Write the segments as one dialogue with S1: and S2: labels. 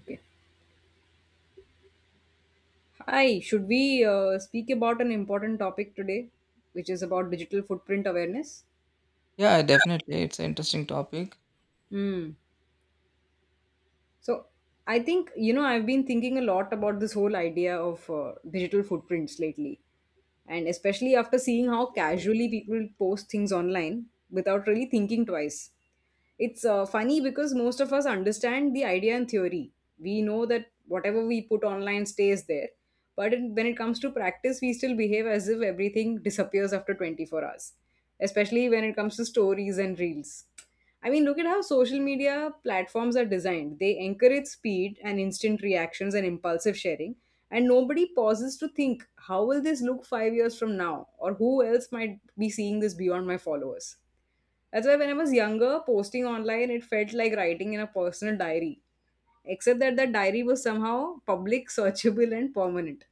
S1: Okay. Hi, should we speak about an important topic today, which is about digital footprint awareness?
S2: Yeah, definitely. It's an interesting topic.
S1: Hmm. So I think, you know, I've been thinking a lot about this whole idea of digital footprints lately. And especially after seeing how casually people post things online without really thinking twice. It's funny because most of us understand the idea in theory. We know that whatever we put online stays there. But when it comes to practice, we still behave as if everything disappears after 24 hours, especially when it comes to stories and reels. I mean, look at how social media platforms are designed. They encourage speed and instant reactions and impulsive sharing, and nobody pauses to think, how will this look 5 years from now? Or who else might be seeing this beyond my followers? That's why when I was younger, posting online, it felt like writing in a personal diary except that the diary was somehow public, searchable, and permanent.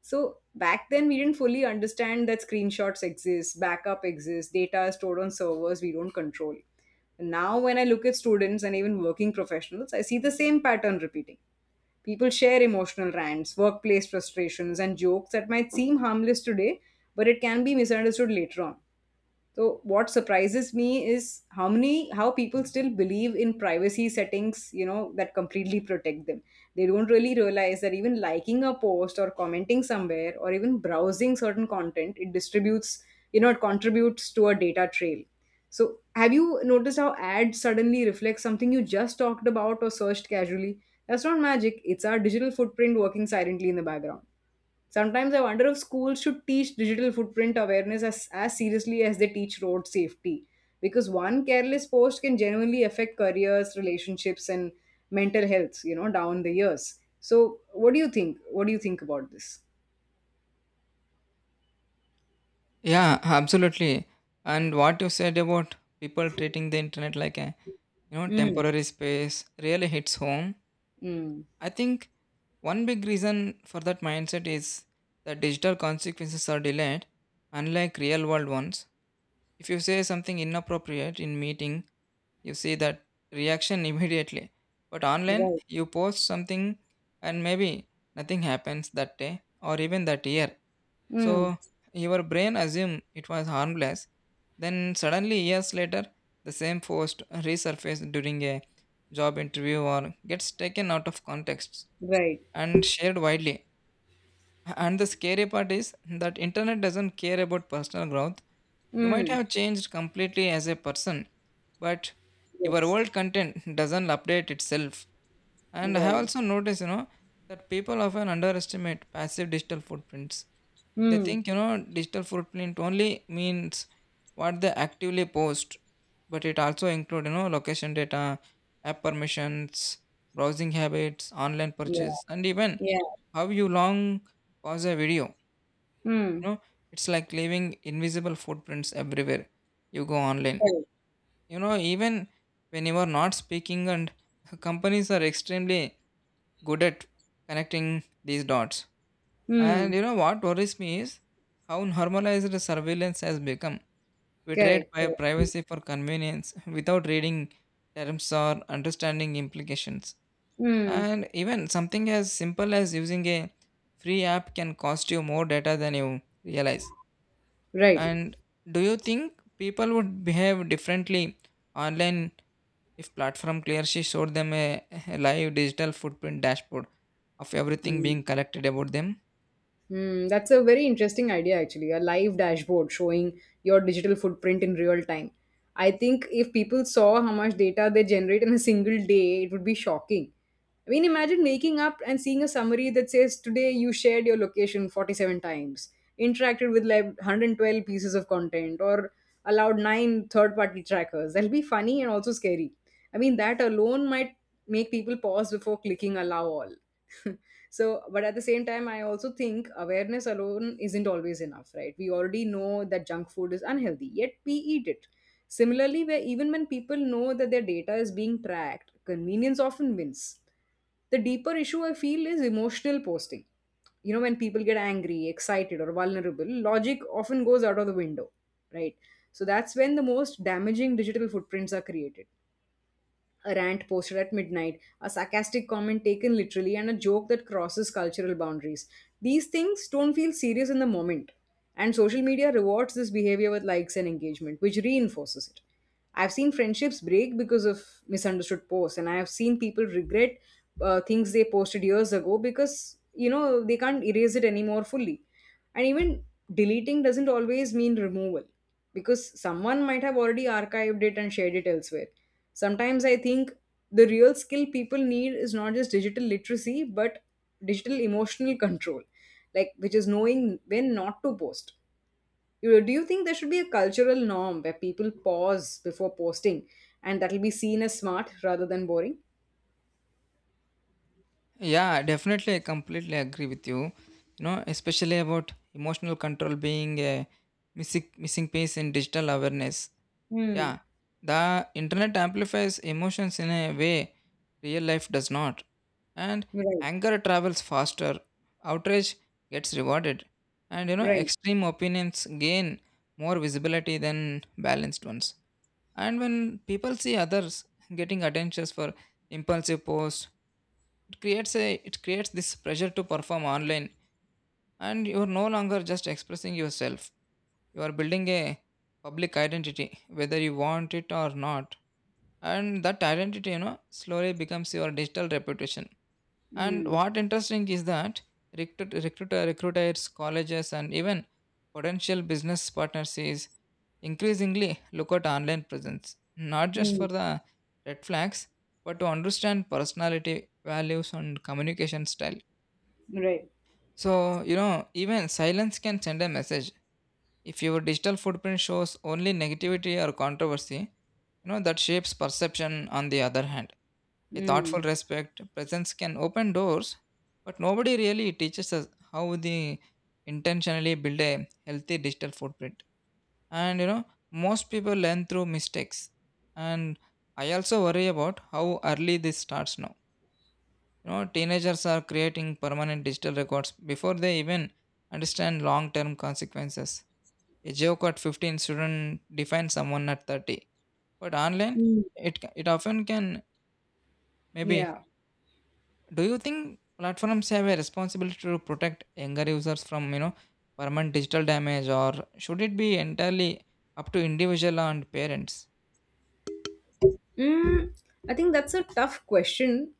S1: So back then, we didn't fully understand that screenshots exist, backup exists, data is stored on servers we don't control. Now, when I look at students and even working professionals, I see the same pattern repeating. People share emotional rants, workplace frustrations, and jokes that might seem harmless today, but it can be misunderstood later on. So what surprises me is how people still believe in privacy settings, you know, that completely protect them. They don't really realize that even liking a post or commenting somewhere or even browsing certain content, it distributes, you know, it contributes to a data trail. So have you noticed how ads suddenly reflect something you just talked about or searched casually? That's not magic. It's our digital footprint working silently in the background. Sometimes I wonder if schools should teach digital footprint awareness as seriously as they teach road safety. Because one careless post can genuinely affect careers, relationships, and mental health, you know, down the years. So, what do you think? What do you think about this?
S2: Yeah, absolutely. And what you said about people treating the internet like a
S1: Mm.
S2: temporary space really hits home.
S1: Mm.
S2: I think one big reason for that mindset is that digital consequences are delayed, unlike real world ones. If you say something inappropriate in meeting, you see that reaction immediately. But online,
S1: Right.
S2: you post something and maybe nothing happens that day or even that year.
S1: Mm.
S2: So your brain assumed it was harmless. Then suddenly, years later, the same post resurfaces during a job interview or gets taken out of context
S1: Right.
S2: and shared widely. And the scary part is that internet doesn't care about personal growth. You might
S1: Mm.
S2: have changed completely as a person, but your
S1: Yes.
S2: old content doesn't update itself. And I have
S1: Right.
S2: also noticed, you know, that people often underestimate passive digital footprints. They
S1: Mm.
S2: think, you know, digital footprint only means what they actively post, but it also include, you know, location data, app permissions, browsing habits, online
S1: Yeah.
S2: purchase, and even
S1: Yeah.
S2: how you long pause a video.
S1: Mm.
S2: You know, it's like leaving invisible footprints everywhere you go online.
S1: Correct.
S2: You know, even when you are not speaking and companies are extremely good at connecting these dots.
S1: Mm.
S2: And you know what worries me is how normalized surveillance has become. We trade
S1: Correct.
S2: by
S1: Correct.
S2: privacy for convenience without reading terms or understanding implications.
S1: Mm.
S2: And even something as simple as using a free app can cost you more data than you realize.
S1: Right.
S2: And do you think people would behave differently online if platform clearly showed them a live digital footprint dashboard of everything
S1: Mm.
S2: being collected about them?
S1: Hmm, that's a very interesting idea, actually. A live dashboard showing your digital footprint in real time. I think if people saw how much data they generate in a single day, it would be shocking. I mean, imagine waking up and seeing a summary that says, today you shared your location 47 times, interacted with like 112 pieces of content, or allowed 9 third party trackers. That'll be funny and also scary. I mean, that alone might make people pause before clicking allow all. So, but at the same time, I also think awareness alone isn't always enough, right? We already know that junk food is unhealthy, yet we eat it. Similarly, where even when people know that their data is being tracked, convenience often wins. The deeper issue I feel is emotional posting. You know, when people get angry, excited, or vulnerable, logic often goes out of the window. Right. So that's when the most damaging digital footprints are created. A rant posted at midnight, a sarcastic comment taken literally, and a joke that crosses cultural boundaries. These things don't feel serious in the moment. And social media rewards this behavior with likes and engagement, which reinforces it. I've seen friendships break because of misunderstood posts, and I have seen people regret things they posted years ago because, you know, they can't erase it anymore fully. And even deleting doesn't always mean removal because someone might have already archived it and shared it elsewhere. Sometimes I think the real skill people need is not just digital literacy but digital emotional control, like which is knowing when not to post. Do you think there should be a cultural norm where people pause before posting and that'll be seen as smart rather than boring?
S2: Yeah, definitely. I completely agree with you. You know, especially about emotional control being a missing piece in digital awareness.
S1: Mm.
S2: Yeah, the internet amplifies emotions in a way real life does not, and
S1: Right,
S2: anger travels faster. Outrage gets rewarded, and you know,
S1: right.
S2: extreme opinions gain more visibility than balanced ones. And when people see others getting attentions for impulsive posts, it creates this pressure to perform online, and you are no longer just expressing yourself. You are building a public identity whether you want it or not. And that identity, you know, slowly becomes your digital reputation. And
S1: Mm.
S2: what interesting is that recruiters, colleges, and even potential business partners is increasingly look at online presence, not just
S1: Mm.
S2: for the red flags, but to understand personality, values, and communication style.
S1: Right.
S2: So, you know, even silence can send a message. If your digital footprint shows only negativity or controversy, you know, that shapes perception on the other hand. A thoughtful
S1: Mm.
S2: respect, presence can open doors, but nobody really teaches us how they intentionally build a healthy digital footprint. And you know, most people learn through mistakes. And I also worry about how early this starts now. You know, teenagers are creating permanent digital records before they even understand long term consequences. A joke at 15 student defines someone at 30. But online,
S1: Mm.
S2: it often can maybe.
S1: Yeah.
S2: Do you think platforms have a responsibility to protect younger users from, you know, permanent digital damage, or should it be entirely up to individual and parents?
S1: Mm, I think that's a tough question.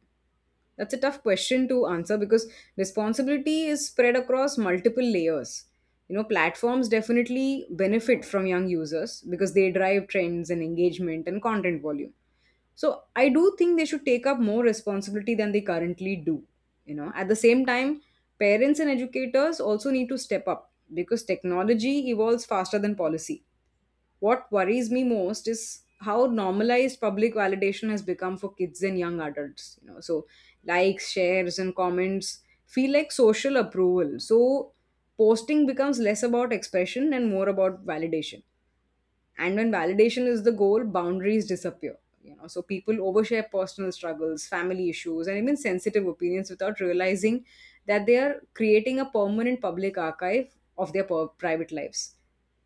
S1: That's a tough question to answer because responsibility is spread across multiple layers. You know, platforms definitely benefit from young users because they drive trends and engagement and content volume. So I do think they should take up more responsibility than they currently do. You know, at the same time, parents and educators also need to step up because technology evolves faster than policy. What worries me most is how normalized public validation has become for kids and young adults. You know, so likes, shares, and comments feel like social approval. So posting becomes less about expression and more about validation. And when validation is the goal, boundaries disappear. You know, so people overshare personal struggles, family issues, and even sensitive opinions without realizing that they are creating a permanent public archive of their private lives.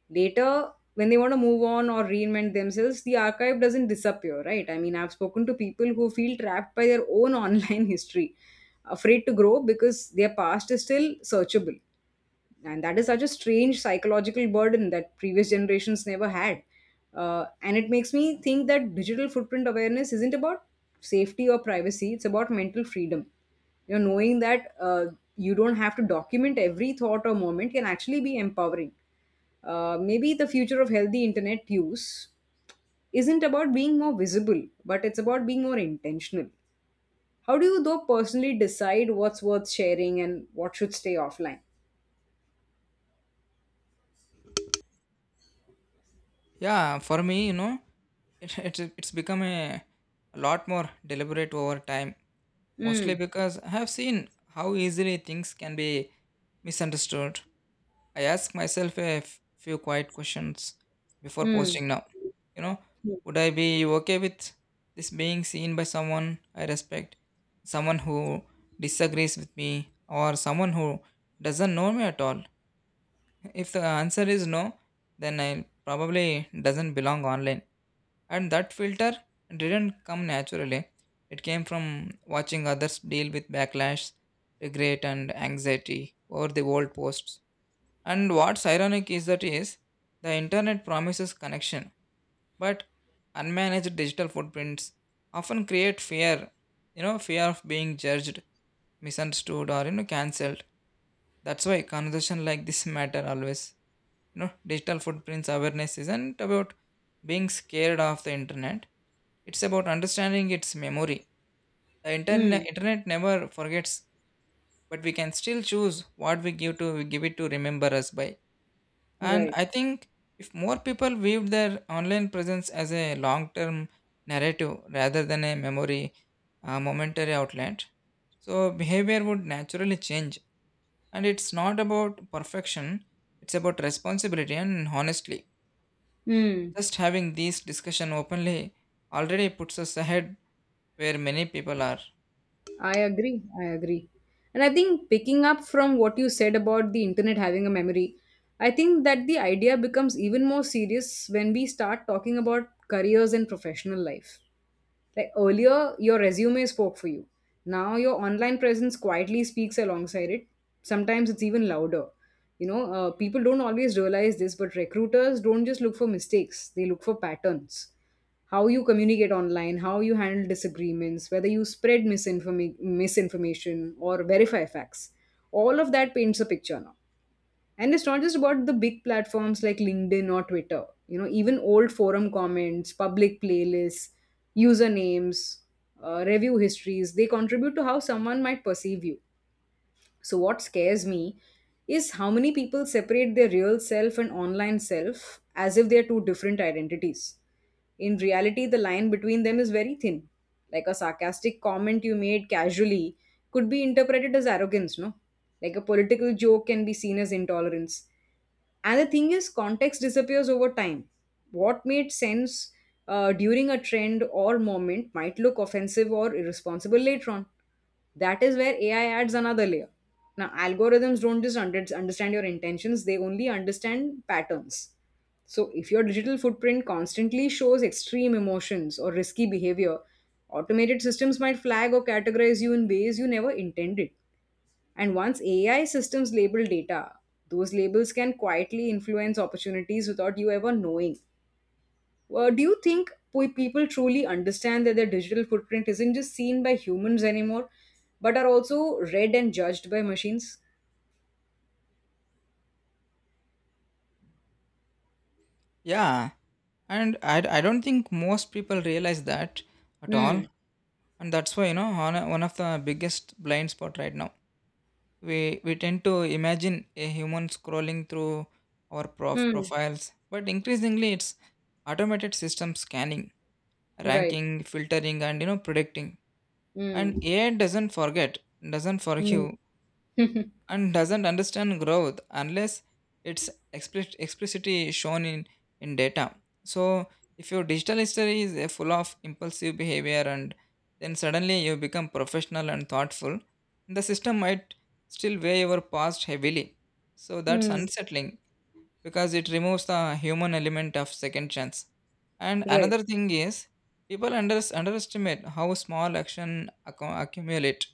S1: Later, when they want to move on or reinvent themselves, the archive doesn't disappear, right? I mean, I've spoken to people who feel trapped by their own online history, afraid to grow because their past is still searchable, and that is such a strange psychological burden that previous generations never had. And it makes me think that digital footprint awareness isn't about safety or privacy, it's about mental freedom. You know, knowing that you don't have to document every thought or moment can actually be empowering. Maybe the future of healthy internet use isn't about being more visible, but it's about being more intentional. How do you, though, personally decide what's worth sharing and what should stay offline?
S2: Yeah, for me, you know, it's become a lot more deliberate over time, mostly
S1: Mm.
S2: because I have seen how easily things can be misunderstood. I ask myself a few quiet questions before
S1: Mm.
S2: posting now. You know, would I be okay with this being seen by someone I respect, someone who disagrees with me, or someone who doesn't know me at all? If the answer is no, then I probably doesn't belong online. And that filter didn't come naturally. It came from watching others deal with backlash, regret, and anxiety over the old posts. And what's ironic is that is the internet promises connection but unmanaged digital footprints often create fear, you know, fear of being judged, misunderstood, or you know, cancelled. That's why conversation like this matter always. You know, digital footprints awareness isn't about being scared of the internet. It's about understanding its memory. The internet
S1: Mm,
S2: internet never forgets, but we can still choose what we give it to remember us by. And
S1: right.
S2: I think if more people viewed their online presence as a long term narrative rather than a memory, momentary outlet, so behavior would naturally change. And it's not about perfection, it's about responsibility and honestly.
S1: Mm,
S2: Just having this discussion openly already puts us ahead where many people are.
S1: I agree. I agree. And I think picking up from what you said about the internet having a memory, I think that the idea becomes even more serious when we start talking about careers and professional life. Like earlier, your resume spoke for you. Now, your online presence quietly speaks alongside it. Sometimes it's even louder. You know, people don't always realize this, but recruiters don't just look for mistakes, they look for patterns. How you communicate online, how you handle disagreements, whether you spread misinformation or verify facts. All of that paints a picture now, and it's not just about the big platforms like LinkedIn or Twitter. You know, even old forum comments, public playlists, usernames, review histories, they contribute to how someone might perceive you. So, what scares me is how many people separate their real self and online self as if they are two different identities. In reality, the line between them is very thin. Like a sarcastic comment you made casually could be interpreted as arrogance, no? Like a political joke can be seen as intolerance. And the thing is, context disappears over time. What made sense during a trend or moment might look offensive or irresponsible later on. That is where AI adds another layer. Now, algorithms don't just understand your intentions, they only understand patterns. So, if your digital footprint constantly shows extreme emotions or risky behavior, automated systems might flag or categorize you in ways you never intended. And once AI systems label data, those labels can quietly influence opportunities without you ever knowing. Do you think people truly understand that their digital footprint isn't just seen by humans anymore, but are also read and judged by machines?
S2: Yeah, and I don't think most people realize that at all.
S1: Hmm.
S2: And that's why, you know, one of the biggest blind spot right now, we we tend to imagine a human scrolling through our
S1: Hmm.
S2: profiles, but increasingly it's automated system scanning,
S1: Right.
S2: ranking, filtering, and you know, predicting.
S1: Hmm.
S2: And AI doesn't forget, doesn't
S1: Hmm.
S2: forgive, and doesn't understand growth unless it's explicitly shown in data. So, if your digital history is full of impulsive behavior and then suddenly you become professional and thoughtful, the system might still weigh your past heavily. So, that's
S1: Hmm.
S2: unsettling because it removes the human element of second chance. And
S1: Right.
S2: another thing is, people underestimate how small action accumulate.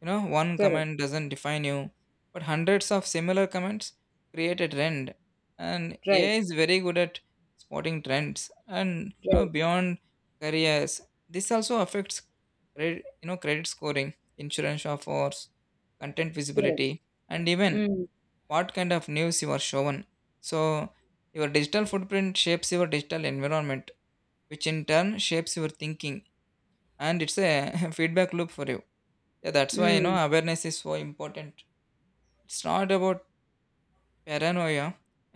S2: You know, one
S1: Correct.
S2: comment doesn't define you, but hundreds of similar comments create a trend. And
S1: Right.
S2: AI is very good at spotting trends, and you know,
S1: Right.
S2: beyond careers. This also affects credit, you know, credit scoring, insurance offers, content
S1: Correct.
S2: visibility, and even
S1: Hmm.
S2: what kind of news you are shown. So your digital footprint shapes your digital environment, which in turn shapes your thinking, and it's a feedback loop for you. Yeah, that's why you
S1: Hmm.
S2: know awareness is so important. It's not about paranoia,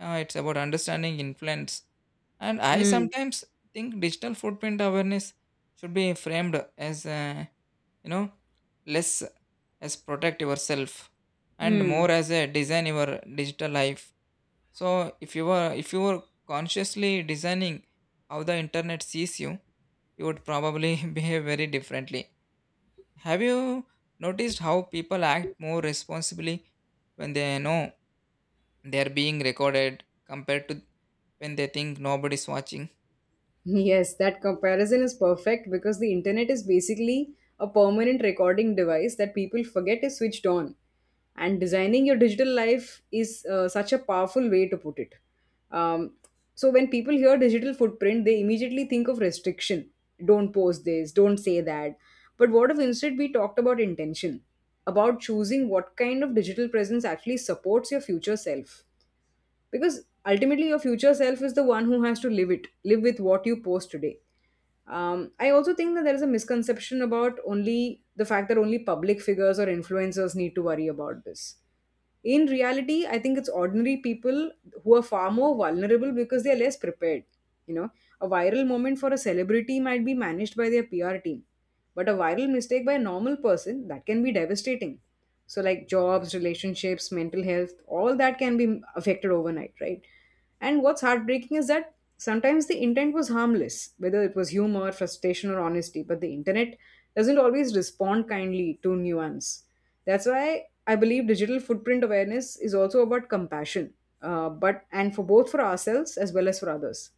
S2: it's about understanding influence. And I
S1: Hmm.
S2: sometimes think digital footprint awareness should be framed as you know, less as protect yourself and
S1: Hmm.
S2: more as a design your digital life. So if you were consciously designing how the internet sees you, you would probably behave very differently. Have you noticed how people act more responsibly when they know they're being recorded compared to when they think nobody's watching?
S1: Yes, that comparison is perfect because the internet is basically a permanent recording device that people forget is switched on. And designing your digital life is such a powerful way to put it. Um, so when people hear digital footprint, they immediately think of restriction. Don't post this, don't say that. But what if instead we talked about intention, about choosing what kind of digital presence actually supports your future self? Because ultimately your future self is the one who has to live with what you post today. I also think that there is a misconception about only the fact that only public figures or influencers need to worry about this. In reality, I think it's ordinary people who are far more vulnerable because they are less prepared. You know, a viral moment for a celebrity might be managed by their PR team, but a viral mistake by a normal person, that can be devastating. So, like jobs, relationships, mental health, all that can be affected overnight, right? And what's heartbreaking is that sometimes the intent was harmless, whether it was humor, frustration, or honesty, but the internet doesn't always respond kindly to nuance. That's why I believe digital footprint awareness is also about compassion, but and for both, for ourselves as well as for others.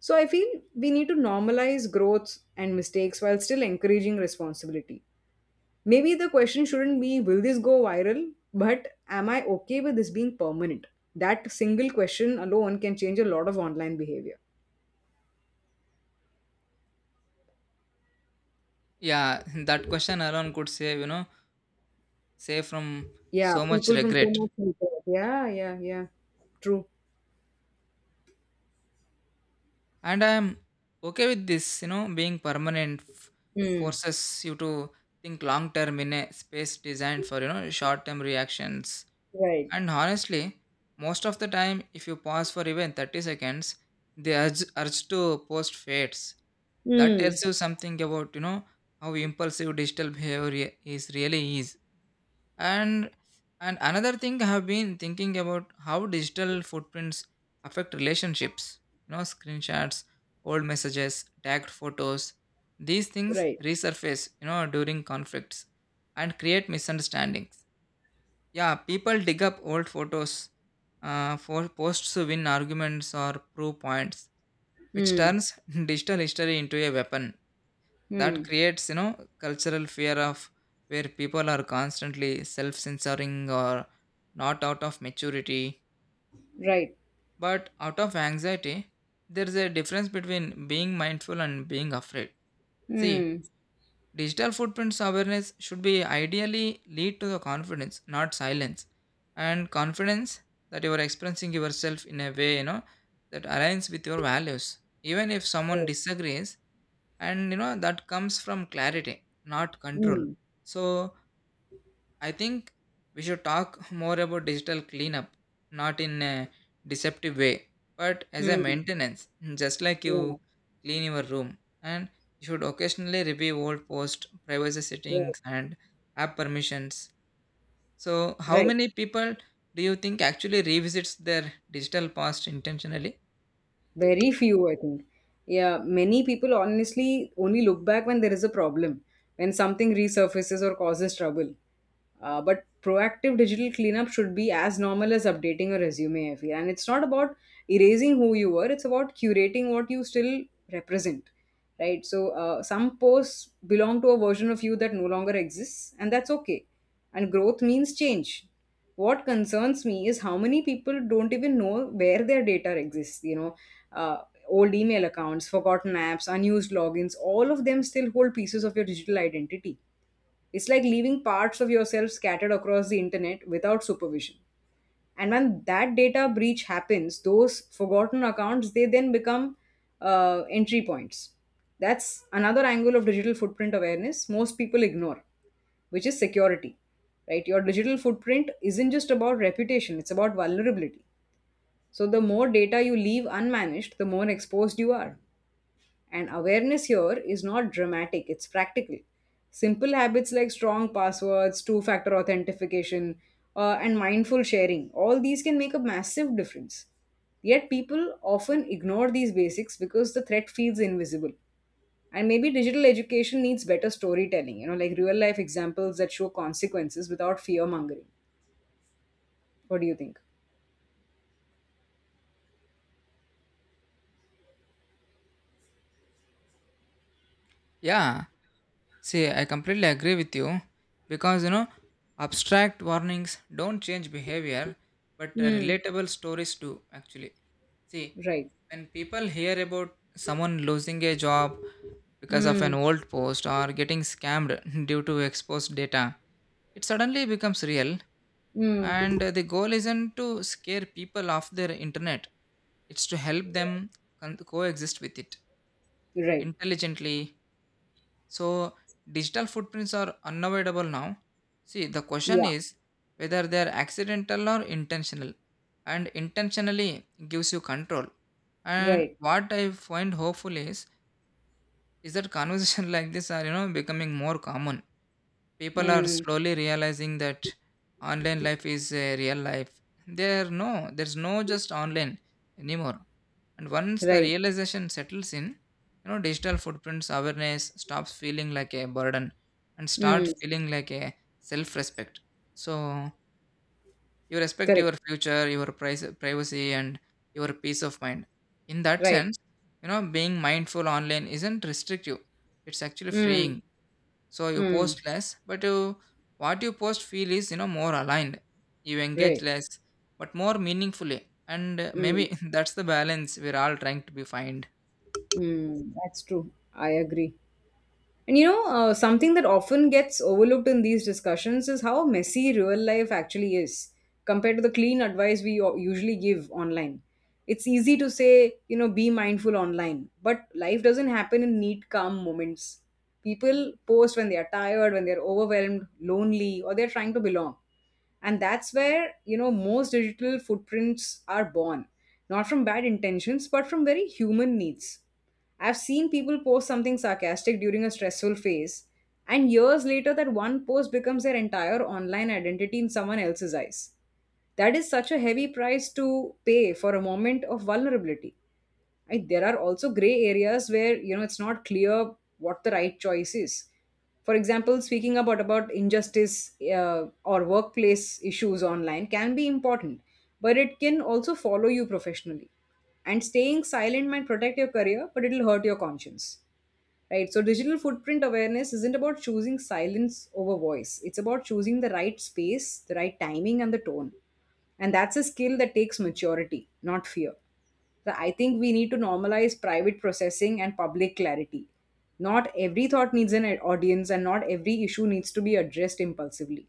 S1: So I feel we need to normalize growth and mistakes while still encouraging responsibility. Maybe the question shouldn't be will this go viral, but am I okay with this being permanent? That single question alone can change a lot of online behavior.
S2: Yeah, that question alone could save, you know, save from
S1: Yeah,
S2: so much
S1: people from so
S2: regret.
S1: much. Yeah, yeah, yeah. True.
S2: And I'm okay with this, you know, being permanent
S1: Mm.
S2: forces you to think long term in a space designed for, you know, short term reactions.
S1: Right.
S2: And honestly, most of the time, if you pause for even 30 seconds, the urge to post fades. That
S1: Mm.
S2: tells you something about, you know, how impulsive digital behavior is really is. And and another thing I have been thinking about how digital footprints affect relationships. You know, screenshots, old messages, tagged photos. These things
S1: Right.
S2: resurface, you know, during conflicts and create misunderstandings. Yeah, people dig up old photos for posts to win arguments or prove points, which
S1: Mm.
S2: turns digital history into a weapon that
S1: Mm.
S2: creates, you know, cultural fear of where people are constantly self-censoring or not out of maturity,
S1: Right.
S2: but out of anxiety. There is a difference between being mindful and being afraid. See,
S1: Mm.
S2: digital footprints awareness should be ideally lead to the confidence, not silence. And confidence that you are expressing yourself in a way, you know, that aligns with your values. Even if someone disagrees, and you know, that comes from clarity, not control.
S1: Mm.
S2: So I think we should talk more about digital cleanup, not in a deceptive way, but as a
S1: Mm.
S2: maintenance, just like
S1: Yeah.
S2: you clean your room. And you should occasionally review old posts, privacy
S1: Yeah.
S2: settings, and app permissions. So, how
S1: Right.
S2: many people do you think actually revisits their digital past intentionally?
S1: Very few, I think. Yeah, many people honestly only look back when there is a problem, when something resurfaces or causes trouble. But proactive digital cleanup should be as normal as updating a resume, I feel. And it's not about erasing who you were, it's about curating what you still represent, right? So some posts belong to a version of you that no longer exists, and that's okay. And growth means change. What concerns me is how many people don't even know where their data exists. Old email accounts, forgotten apps, unused logins, all of them still hold pieces of your digital identity. It's like leaving parts of yourself scattered across the internet without supervision. And when that data breach happens, those forgotten accounts, they then become entry points. That's another angle of digital footprint awareness most people ignore, which is security. Right? Your digital footprint isn't just about reputation, it's about vulnerability. So the more data you leave unmanaged, the more exposed you are. And awareness here is not dramatic, it's practical. Simple habits like strong passwords, two factor authentication, and mindful sharing, all these can make a massive difference. Yet people often ignore these basics because the threat feels invisible. And maybe digital education needs better storytelling, you know, like real life examples that show consequences without fear mongering. What do you think?
S2: Yeah, see, I completely agree with you because you know, abstract warnings don't change behavior, but
S1: Hmm.
S2: relatable stories do actually. See,
S1: Right.
S2: when people hear about someone losing a job because of an
S1: Hmm.
S2: old post or getting scammed due to exposed data, it suddenly becomes real. And
S1: Hmm.
S2: the goal isn't to scare people off their internet, it's to help them coexist with it
S1: Right.
S2: intelligently. So digital footprints are unavoidable now. See, the question
S1: Yeah.
S2: is whether they are accidental or intentional, and intentionally gives you control. And
S1: Right.
S2: what I find hopeful is that conversations like this are you know becoming more common. People are
S1: Hmm.
S2: slowly realizing that online life is a real life. There's no just online anymore. And once the
S1: Right.
S2: realization settles in, you know, digital footprints awareness stops feeling like a burden and start
S1: Mm,
S2: feeling like a self-respect. So you respect
S1: correct.
S2: your future, your privacy, and your peace of mind. In that
S1: Right.
S2: sense, you know, being mindful online isn't restrictive; it's actually
S1: Mm,
S2: freeing. So you
S1: mm,
S2: post less, but you what you post feel is you know more aligned. You engage
S1: right.
S2: less, but more meaningfully, and maybe
S1: Mm,
S2: that's the balance we're all trying to be find.
S1: mm, that's true. I agree. And something that often gets overlooked in these discussions is how messy real life actually is compared to the clean advice we usually give online. It's easy to say, you know, be mindful online, but life doesn't happen in neat, calm moments. People post when they are tired, when they're overwhelmed, lonely, or they're trying to belong. And that's where, you know, most digital footprints are born, not from bad intentions, but from very human needs. I've seen people post something sarcastic during a stressful phase, and years later, that one post becomes their entire online identity in someone else's eyes. That is such a heavy price to pay for a moment of vulnerability. There are also gray areas where, you know, it's not clear what the right choice is. For example, speaking about injustice or workplace issues online can be important, but it can also follow you professionally. And staying silent might protect your career, but it'll hurt your conscience, right? So digital footprint awareness isn't about choosing silence over voice, it's about choosing the right space, the right timing, and the tone. And that's a skill that takes maturity, not fear. So I think we need to normalize private processing and public clarity. Not every thought needs an audience, and not every issue needs to be addressed impulsively.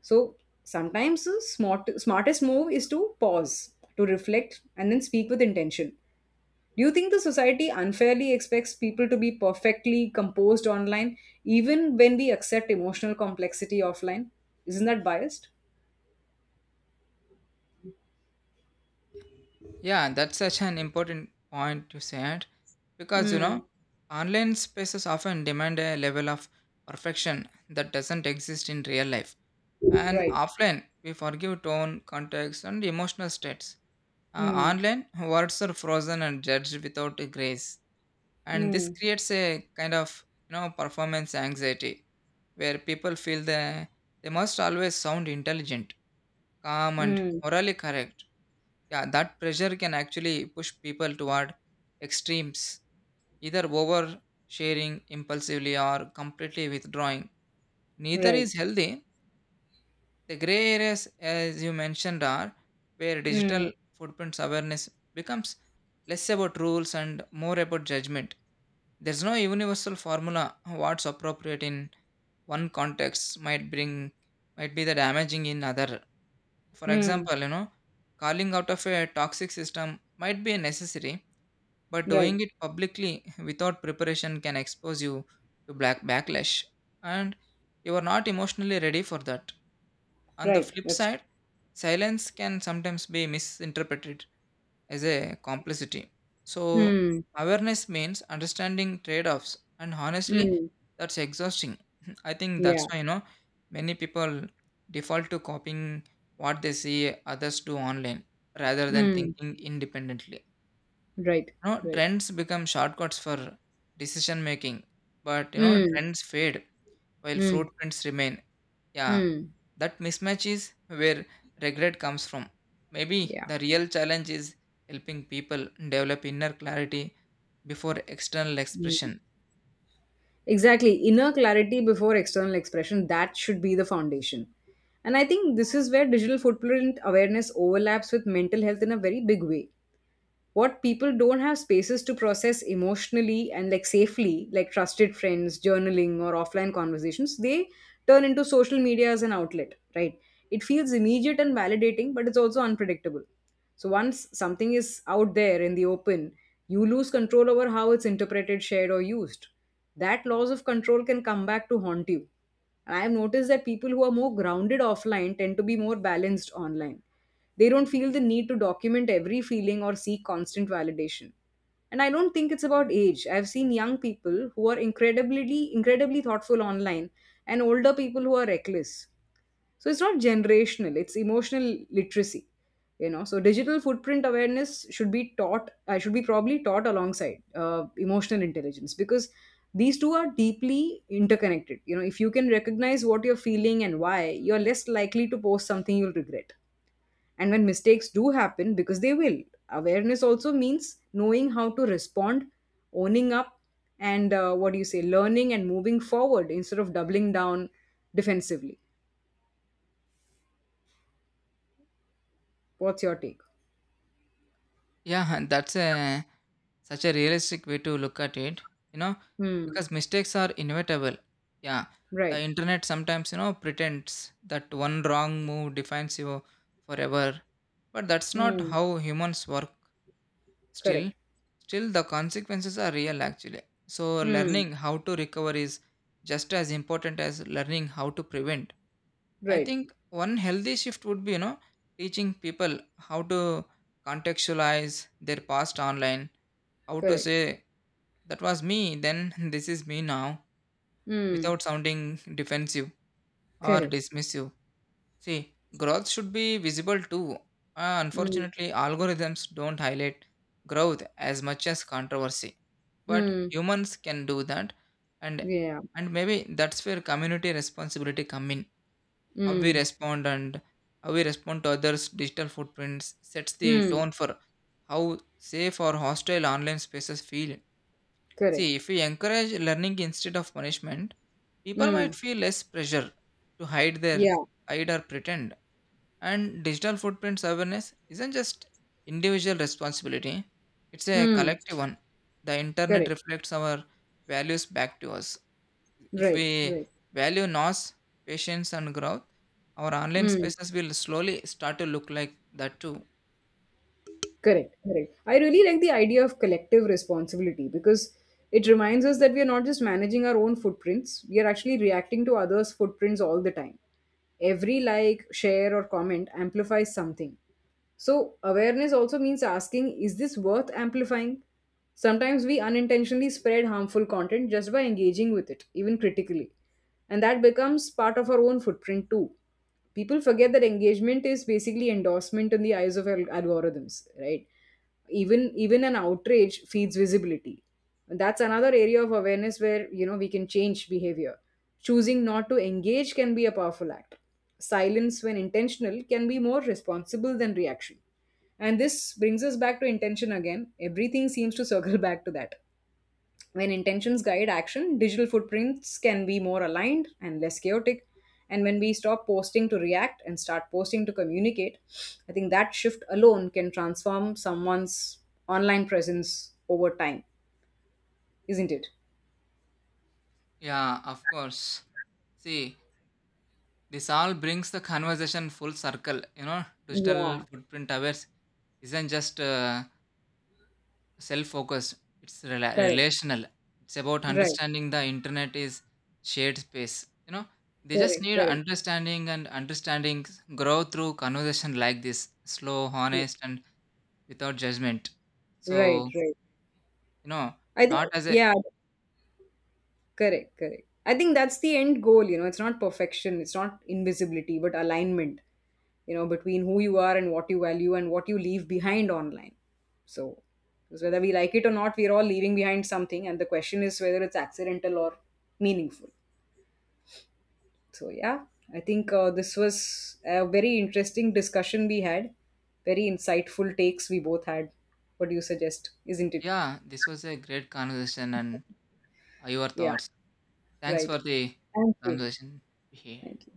S1: So sometimes the smartest move is to pause, to reflect, and then speak with intention. Do you think the society unfairly expects people to be perfectly composed online, even when we accept emotional complexity offline? Isn't that biased?
S2: Yeah, and that's such an important point you said because you know,
S1: Mm,
S2: online spaces often demand a level of perfection that doesn't exist in real life. And
S1: right.
S2: offline, we forgive tone, context, and emotional states.
S1: Mm,
S2: Online, words are frozen and judged without grace. And this
S1: mm,
S2: creates a kind of you know performance anxiety where people feel they must always sound intelligent, calm, and
S1: mm,
S2: morally correct. Yeah, that pressure can actually push people toward extremes, either oversharing impulsively or completely withdrawing. Neither
S1: right.
S2: is healthy. The gray areas as you mentioned are where digital
S1: Mm,
S2: footprints awareness becomes less about rules and more about judgment. There's no universal formula. What's appropriate in one context might be the damaging in other. For
S1: mm,
S2: example, you know, calling out of a toxic system might be necessary, but
S1: right.
S2: doing it publicly without preparation can expose you to black backlash, and you are not emotionally ready for that. On the
S1: Right.
S2: flip
S1: That's.
S2: side, silence can sometimes be misinterpreted as a complicity. So
S1: Mm,
S2: awareness means understanding trade-offs, and honestly
S1: mm,
S2: that's exhausting. I think
S1: yeah.
S2: that's why you know many people default to copying what they see others do online rather than
S1: Mm,
S2: thinking independently.
S1: right.
S2: You know,
S1: Right.
S2: trends become shortcuts for decision making, but you know
S1: Mm,
S2: trends fade while
S1: mm,
S2: footprints remain. Yeah,
S1: mm,
S2: that mismatch is where regret comes from. Maybe
S1: yeah.
S2: the real challenge is helping people develop inner clarity before external
S1: Mm.
S2: expression.
S1: Exactly. Inner clarity before external expression, that should be the foundation. And I think this is where digital footprint awareness overlaps with mental health in a very big way. What people don't have spaces to process emotionally and like safely, like trusted friends, journaling, or offline conversations, they turn into social media as an outlet, right? It feels immediate and validating, but it's also unpredictable. So once something is out there in the open, you lose control over how it's interpreted, shared, or used. That loss of control can come back to haunt you. And I have noticed that people who are more grounded offline tend to be more balanced online. They don't feel the need to document every feeling or seek constant validation. And I don't think it's about age. I've seen young people who are incredibly thoughtful online, and older people who are reckless. So it's not generational, it's emotional literacy. You know, so digital footprint awareness should be taught, should be probably taught alongside emotional intelligence, because these two are deeply interconnected. You know, if you can recognize what you're feeling and why, you're less likely to post something you'll regret. And when mistakes do happen, because they will, awareness also means knowing how to respond, owning up, and what do you say, learning and moving forward instead of doubling down defensively. What's your take?
S2: Yeah, and that's a such a realistic way to look at it, you know,
S1: Hmm.
S2: because mistakes are inevitable. Yeah,
S1: Right.
S2: the internet sometimes, you know, pretends that one wrong move defines you forever, but that's not
S1: Hmm.
S2: how humans work. Still,
S1: Correct.
S2: still, the consequences are real actually. So
S1: Hmm.
S2: learning how to recover is just as important as learning how to prevent. I
S1: Right.
S2: think one healthy shift would be, you know, teaching people how to contextualize their past online, how to
S1: Correct.
S2: say that was me then, this is me now
S1: Hmm.
S2: without sounding defensive or
S1: Correct.
S2: dismissive. See, growth should be visible too.
S1: Hmm.
S2: Unfortunately algorithms don't highlight growth as much as controversy, but
S1: Mm,
S2: humans can do that. and
S1: yeah.
S2: and maybe that's where community responsibility come in. how we
S1: Hmm.
S2: respond and how we respond to others digital footprints sets the
S1: Hmm.
S2: tone for how safe or hostile online spaces feel.
S1: Correct.
S2: See, if we encourage learning instead of punishment, people
S1: Hmm.
S2: might feel less pressure to
S1: Yeah.
S2: hide or pretend. And digital footprints awareness isn't just individual responsibility, it's a
S1: Hmm.
S2: collective one. The internet
S1: Correct.
S2: reflects our values back to us. If
S1: Right.
S2: we
S1: Right.
S2: value nos, patience and growth, our online
S1: Hmm.
S2: spaces will slowly start to look like that too.
S1: Correct, correct. I really like the idea of collective responsibility, because it reminds us that we are not just managing our own footprints, we are actually reacting to others' footprints all the time. Every like, share, or comment amplifies something. So, awareness also means asking, is this worth amplifying? Sometimes we unintentionally spread harmful content just by engaging with it, even critically. And that becomes part of our own footprint too. People forget that engagement is basically endorsement in the eyes of algorithms, right? Even an outrage feeds visibility. And that's another area of awareness where, you know, we can change behavior. Choosing not to engage can be a powerful act. Silence, when intentional, can be more responsible than reaction. And this brings us back to intention again. Everything seems to circle back to that. When intentions guide action, digital footprints can be more aligned and less chaotic. And when we stop posting to react and start posting to communicate, I think that shift alone can transform someone's online presence over time, isn't it?
S2: Yeah, of course. See, this all brings the conversation full circle. You know, digital
S1: Yeah,
S2: footprint awareness isn't just self focused, it's
S1: correct.
S2: relational. It's about
S1: Right,
S2: understanding the internet is shared space. You know, they just
S1: correct,
S2: need
S1: correct.
S2: understanding and understanding grow through conversation like this slow, honest, and without judgment.
S1: Right,
S2: So,
S1: right.
S2: you know,
S1: I think,
S2: not as a
S1: yeah. Correct, correct. I think that's the end goal, you know. It's not perfection, it's not invisibility, but alignment, you know, between who you are and what you value and what you leave behind online. So, because whether we like it or not, we're all leaving behind something, and the question is whether it's accidental or meaningful. So, yeah, I think this was a very interesting discussion we had, very insightful takes we both had. What do you suggest? Isn't it?
S2: yeah, this was a great conversation and your
S1: Yeah,
S2: thoughts. Thanks
S1: right.
S2: for the
S1: Thank you.
S2: conversation here.
S1: Thank you.